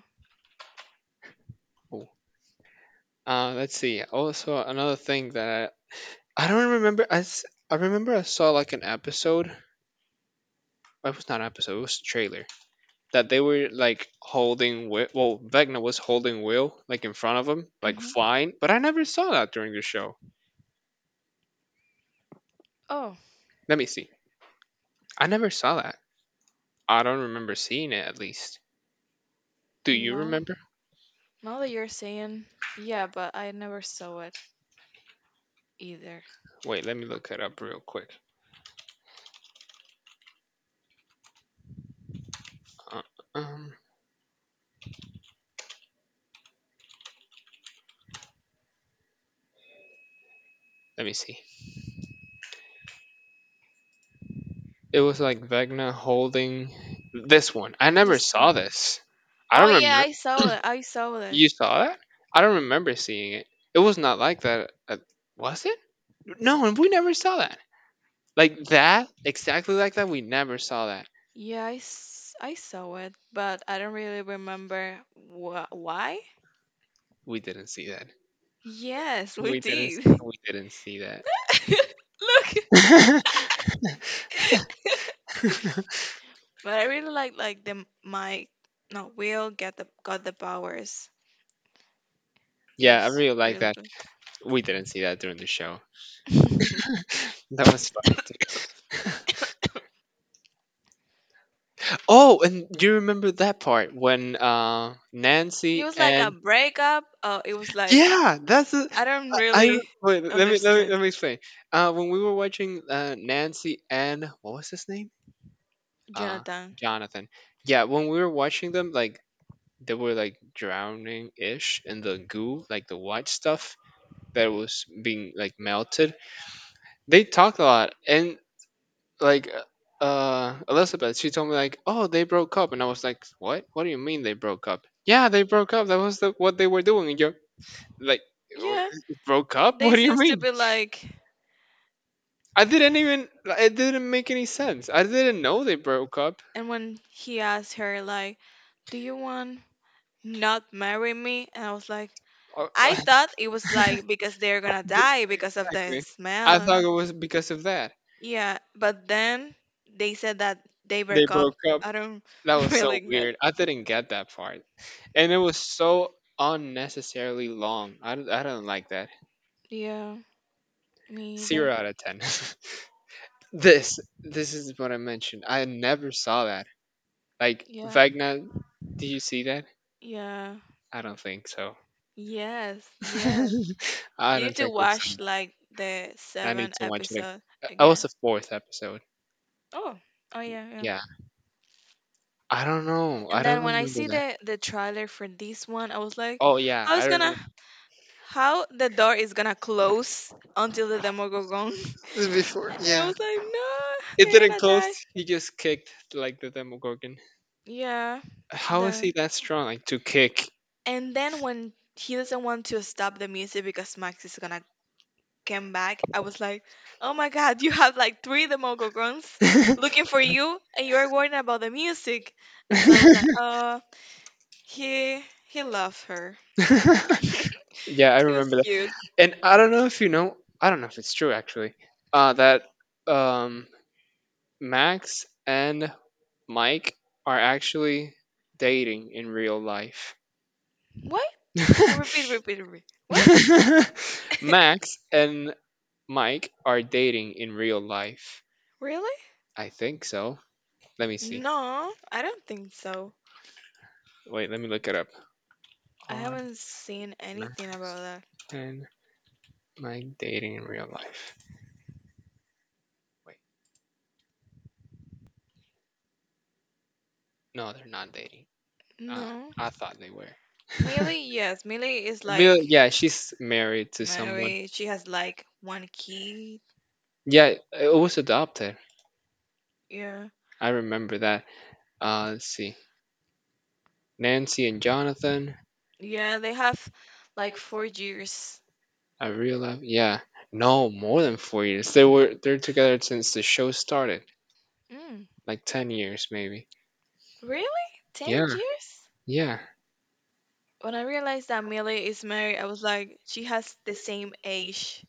Cool. Uh, let's see. Also, another thing that I, I don't remember. I s- I remember I saw like an episode. Well, it was not an episode. It was a trailer, that they were like holding Wi- well Vecna was holding Will like in front of him like flying, but I
Hmm.
never saw that during the show.
Oh
Let me see. I never saw that. I don't remember seeing it at least. Do you
no,
remember?
now that you're saying, yeah, but I never saw it either.
Wait, let me look it up real quick. Uh, um Let me see. It was like Vecna holding this one. I never
This
saw
one.
this. I
Oh
don't
yeah,
remember.
I saw it. I saw it.
You saw it? I don't remember seeing it. It was not like that. At, was it? No, and we never saw that. Like that, exactly like that. We never saw that.
Yeah, I, s- I saw it, but I don't really remember wh- why.
We didn't see that.
Yes, we
We didn't.
did. [laughs] Look.
We didn't see that. [laughs]
But I really like like the, my, no, Will get the got the powers. It
Yeah, I
was
really like
really
that.
good.
We didn't see that during the show.
[laughs]
That was funny. Too. Oh, and do you remember that part when uh, Nancy
it was like a
and,
breakup. Oh, it was like,
yeah, that's a,
I don't
I
really
wait. Let me let me
understand
let me explain. Uh, when we were watching uh, Nancy and, what was his name? Uh,
Jonathan.
Jonathan. Yeah, when we were watching them, like they were like drowning ish in the goo, like the white stuff that was being like melted. They talked a lot, and like uh uh, Elizabeth, she told me like, "Oh, they broke up," and I was like, "What? What do you mean they broke up?" Yeah, they broke up. That was the, what they were doing. And you're like, "Oh,
Yeah,
broke up? What
they
do you
seems to
mean?
be like.
I didn't even. It didn't make any sense. I didn't know they broke up."
And when he asked her, like, do you want not marry me? And I was like,
Uh,
I
[laughs]
thought it was like because they're gonna die because of the
exactly. I
smell.
thought it was because of that.
Yeah, but then they said that they
They
broke up.
broke up.
I don't
That
[laughs]
was so
really get.
weird. I didn't get that part. And it was so unnecessarily long. I don't, I don't like that.
Yeah, me
Zero
either.
out of ten. [laughs] this this is what I mentioned. I never saw that. Like
Yeah,
Vagna, did you see that?
yeah,
I don't think so.
yes, yes.
[laughs] I
You
don't
need to
think we see.
watch like the
I need
seven
to watch it.
episode
ag- I was
again.
the fourth episode.
Oh, oh yeah, yeah.
Yeah. I don't know. I
And
don't
then when I
remember
see
that.
the the trailer for this one, I was like,
Oh yeah,
how's
I
gonna
don't
how the door is gonna close until the Demogorgon? [laughs]
know. Before,
And I
yeah.
was like, no,
It
they're
didn't
gonna
close.
die.
He just kicked like the Demogorgon.
Yeah.
How is he
The
that strong? Like to kick.
And then when he doesn't want to stop the music because Max is gonna come back, I was like, oh my god, you have like three Demogorgons
[laughs] Yeah,
[laughs] looking for you, and you are worrying about the music. And so I was like, [laughs] oh, He he loved her.
I
He was
remember that.
cute.
And I don't know if you know, I don't know if it's true actually, uh, that um, Max and Mike are actually dating in real life.
What? Repeat, repeat, repeat. What? [laughs]
[laughs] Max and Mike are dating in real life.
Really?
I think so. Let me see.
No, I don't think so.
Wait, let me look it up.
I
Are
haven't seen
Max
anything about that.
and Mike dating in real life? Wait. No, they're not dating. Uh,
No.
I thought they were. Yes,
Millie, yes, Millie is [laughs] like
yeah, she's married to someone.
married. She has like one kid.
Yeah, it was adopted.
Yeah.
I remember that. Uh, let's see. Nancy and Jonathan.
Yeah, they have like four years.
I realize. Yeah. No, more than four years. They were, they're together since the show started,
Mm,
like ten years maybe.
really? Ten
Yeah.
years?
Yeah.
When I realized that Millie is married, I was like, she has the same age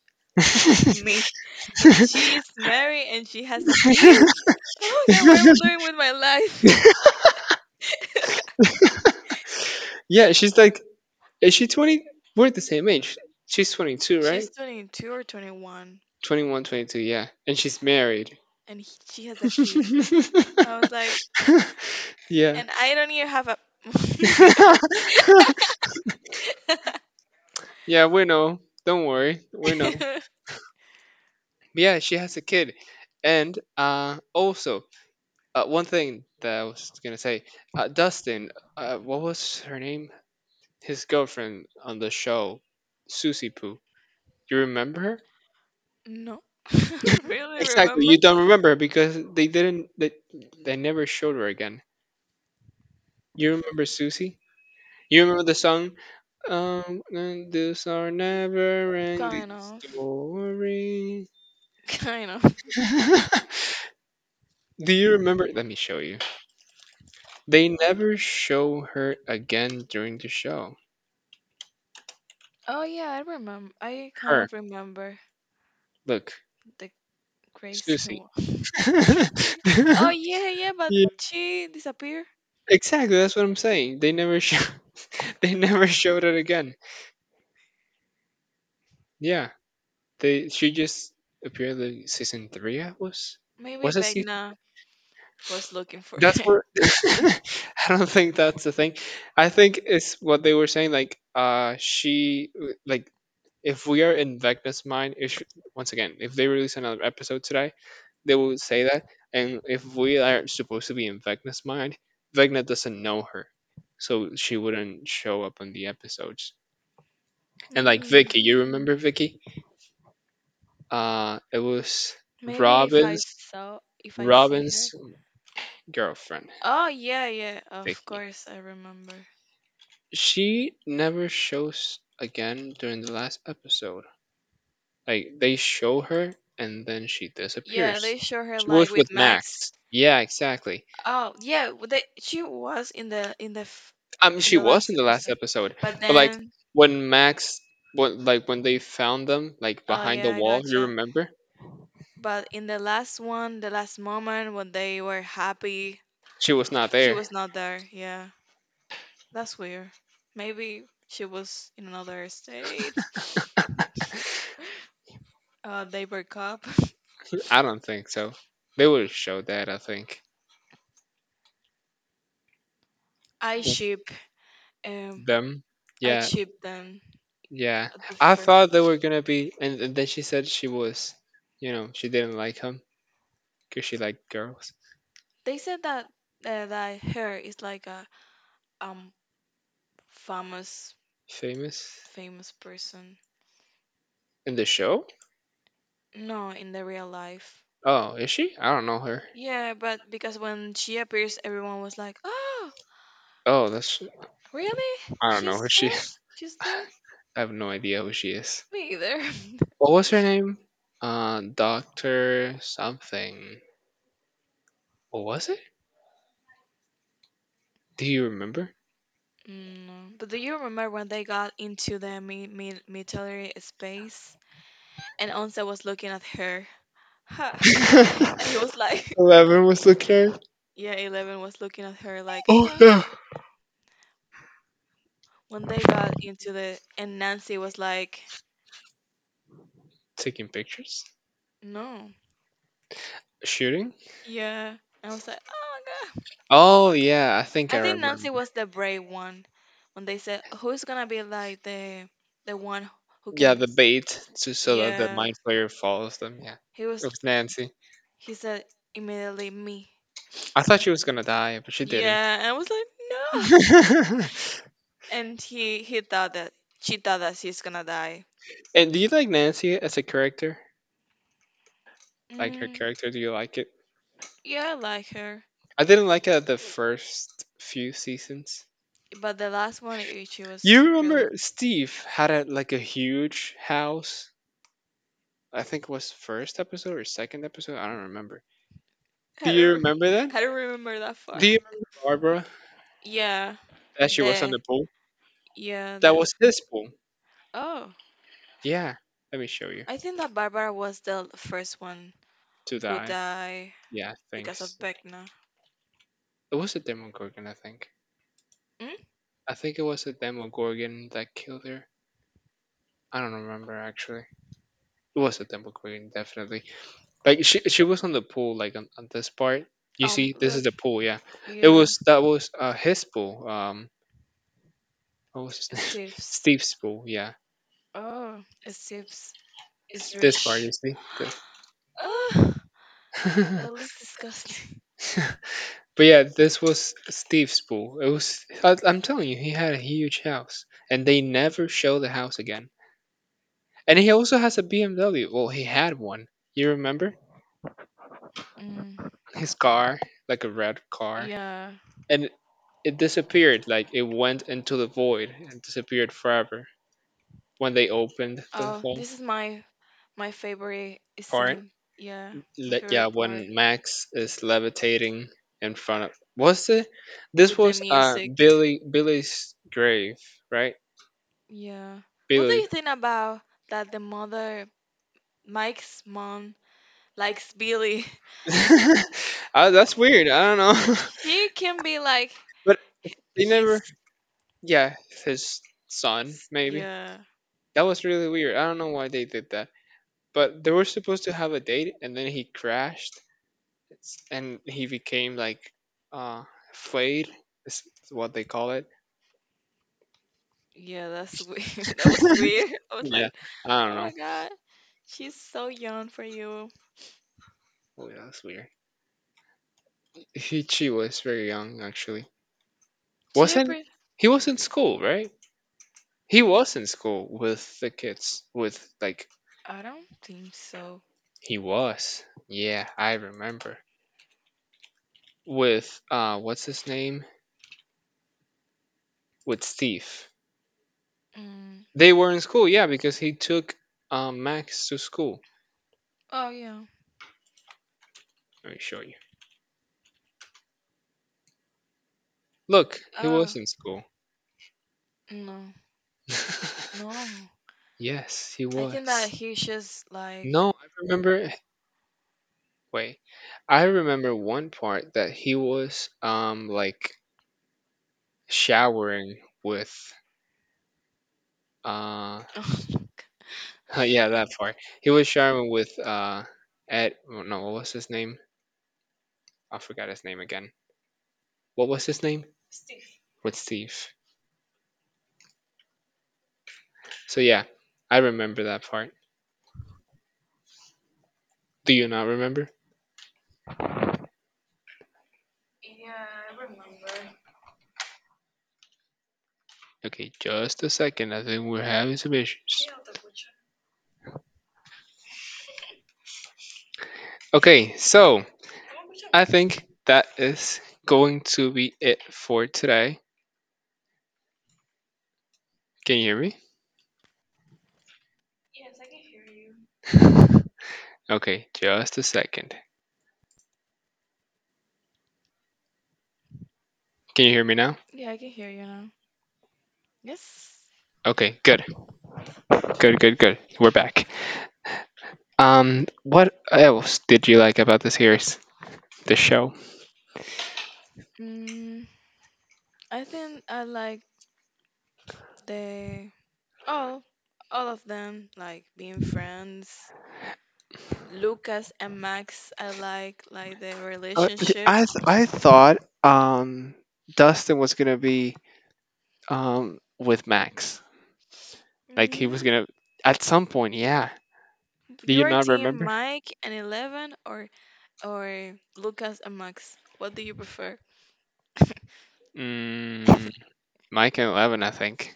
me,
[laughs]
[laughs] and she is married and she has a kid. Oh my god, what am I doing with my life? [laughs]
Yeah, she's like, is she twenty? We're the same age. She's twenty-two, right?
she's twenty-two or twenty-one,
Twenty one, twenty two, yeah. And she's married.
and he, she has a kid. I was like,
[laughs] Yeah.
and I don't even have a,
[laughs]
[laughs]
Yeah, we know. Don't worry. We know. But yeah, she has a kid. And uh, also, uh, one thing that I was going to say, uh, Dustin, uh, what was her name? His girlfriend on the show, Susie Poo. You remember her? [laughs]
no, [laughs] really
Exactly.
remember.
You don't remember her because they didn't, they, they never showed her again. You remember Susie? You remember the song? Um, and these are never-ending
kind of
story.
kind of
[laughs] Do you remember? Let me show you. They never show her again during the show.
Oh yeah, i remember i kind
Her,
of remember
look,
the crazy
Susie.
one. [laughs]
[laughs]
Oh yeah, yeah, but
Yeah,
she disappeared.
exactly. That's what I'm saying. They never show. [laughs] They never showed it again. Yeah, they. She just appeared in season three. I was.
Maybe
Was it
back
season?
now was looking for her.
That's
Mm,
where [laughs] I don't think that's the thing. I think it's what they were saying. Like, uh, she like, if we are in Vecna's mind, it should, once again, if they release another episode today, they will say that. And if we are supposed to be in Vecna's mind, Vecna doesn't know her, so she wouldn't show up on the episodes.
[laughs]
And like
mm,
Vicky, you remember Vicky? Uh, it was
maybe if I
Robin's
saw if I see her.
Robin's girlfriend,
Oh yeah, yeah, of
Vicky.
course I remember.
She never shows again during the last episode. Like they show her and then she, yeah,
Yeah,
disappears.
they show her
She
like
was with
with Max.
Max. Yeah, exactly.
Oh yeah, w- they she was in the in the f-
I mean,
in
she
the
was
last
in the last
episode,
episode,
but
like
then,
when Max, when like when they found them like
oh
behind the
yeah, I
wall, you
gotcha.
remember?
But in the last one, the last moment when they were happy,
She was not
she
there.
was not there. Yeah, that's weird. Maybe she was in another state. Uh, they break up.
[laughs] I don't think so. They would have showed that. I think.
[laughs] I
Yeah.
ship. Um,
Them.
I
Yeah,
ship them
yeah,
at the
I
first.
thought they were gonna be, and, and then she said she was, you know, she didn't like him because she liked girls.
They said that uh, that her is like a um famous
Famous
famous person.
in the show?
No, in the real life.
Oh, is she? I don't know her.
Yeah, but because when she appears, everyone was like, "Oh,
Oh, that's,
really?
I don't know
She's
who
her?
she. [laughs]
She's there?
I have no idea who she is.
Me either."
What was her name? Uh, Doctor something. What was it? Do you remember?
[laughs] No. But do you remember when they got into the mi- mi- military space, and Once was looking at her? Ha. [laughs]
[laughs]
And he was like,
Eleven was looking at her.
[laughs] yeah, Eleven was looking at her like,
Oh
huh.
yeah.
When they got into the, and Nancy was like,
Taking pictures.
no,
Shooting?
yeah. I was like, oh my god.
Oh yeah, I think I
I think
remember.
Nancy was the brave one when they said, who's gonna be like the, the one who can,
Yeah, the
dis-
bait, to so that the
yeah.
mind player follows them. Yeah,
He
it
was,
was Nancy.
he said immediately, me.
I thought she was gonna die, but she didn't.
Yeah, and I was like, no. [laughs]
[laughs]
And he, he thought that, she thought that she's gonna die.
And do you like Nancy as a character? Like her
Mm,
character? Do you like it?
yeah, I like her.
I didn't like her the first few seasons.
But the last one, it, she was
You
really
remember
good. [laughs]
Steve had a like a huge house? I think it was first episode or second episode. I don't remember. Do
I
you
don't, re-
remember that?
[laughs] I don't remember that far.
Do you remember Barbara?
Yeah,
That she was on
the,
the pool.
yeah,
That
the.
was this pool.
Oh,
Yeah, let me show you.
I think that Barbara was the first one
To
who
die.
died
Yeah,
because of
thanks.
Beckner.
It was a Demogorgon, I think.
Mm?
I think it was a Demogorgon that killed her. I don't remember actually. It was a Demogorgon, definitely. Like she, she was on the pool, like on, on this part. You
Um,
see, this is
look,
the pool. Yeah, it
yeah,
was that was uh his pool. Um, what was his name? [laughs] Steve's
Steve's.
pool. Yeah,
Oh, Steve's is
this part. You
rich.
see,
[gasps] Oh, that looks [gasps]
this.
disgusting.
[laughs] But yeah, this was Steve's pool. It was I, I'm telling you, he had a huge house, and they never show the house again. And he also has a B M W. Well, he had one. You remember
[laughs] Mm.
his car, like a red car,
Yeah.
and it disappeared. Like it went into the void and disappeared forever when they opened the
Oh,
whole
this is my my favorite
part.
scene. Yeah, my
Le- yeah,
favorite part
when Max is levitating in front of what's it? This
with the
was uh
music.
Billy Billy's grave, right?
Yeah. What do
Billy.
you think about that the mother, Mike's mom, likes Billy? [laughs]
[laughs] Uh, that's weird. I don't know,
He can be like
[laughs] but they
his.
never. Yeah, his son maybe.
Yeah.
That was really weird. I don't know why they did that. But they were supposed to have a date, and then he crashed. It's- and he became like uh flayed. Is what they call it.
Yeah, that's weird. [laughs] that was weird. [laughs] I was
Yeah,
like,
I don't
oh
know.
my god, she's so young for you.
Oh yeah, that's weird. He she was very young actually.
Do
Not,
you ever?
he was in school, right? He was in school with the kids, with like
I don't think so.
he was. Yeah, I remember. With uh what's his name? With Steve.
Mm.
They were in school, yeah, because he took uh, Max to school.
Oh, yeah.
Let me show you. Look, he was
Oh,
in school.
no,
[laughs]
no.
Yes, he
I
was.
think that he's just like. [laughs]
No, I remember, wait. I remember one part that he was um like showering with uh
Oh,
[laughs] yeah, that part he was showering with uh ed. Oh, no, what was his name? I forgot his name again. What was his name? With Steve. So yeah, I remember that part. Do you not remember? Okay, just a second. I think we're having some issues. Okay, so I think that is going to be it for today. Can you hear me? [laughs] Okay, just a second. Can you hear me now?
yeah, I can hear you now. Yes.
Okay, good. Good, good, good. We're back. Um, what else did you like about the series, the show?
Mm, I think I like the, all all of them like being friends. Lucas and Max, I like like the
Uh, th-
relationship.
I th- I thought um Dustin was gonna be um with Max, like he was
Hmm.
gonna at some point. Yeah. Do you
Your
not
team,
remember?
Mike and Eleven, or or Lucas and Max. What do you prefer?
Mm, Mike and Eleven, I think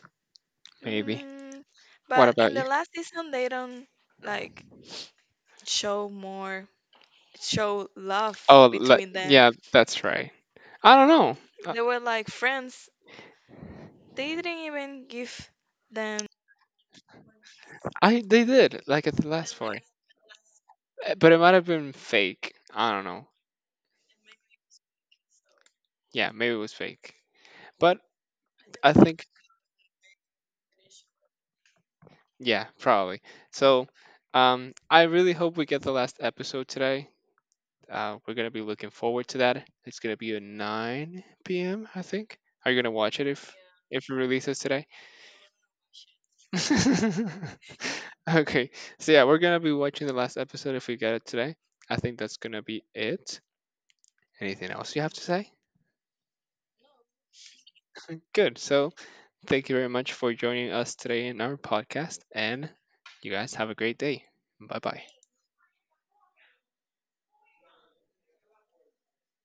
maybe.
Mm,
What
but in
about
the
you?
last season, they don't like show more show love
Oh, like,
between them.
yeah, that's right. I don't know. I,
They were like friends. They didn't even give them
I they did like at the last part. Uh, But it might have been fake. I don't know. Yeah, maybe it was fake. But I think yeah, probably. So um I really hope we get the last episode today. Uh we're gonna be looking forward to that. It's gonna be at nine p m, I think. Are you gonna watch it if if it releases today? [laughs] Okay. So yeah, we're gonna be watching the last episode if we get it today. I think that's gonna be it. Anything else you have to say? Good. So, thank you very much for joining us today in our podcast, and you guys have a great day. Bye bye.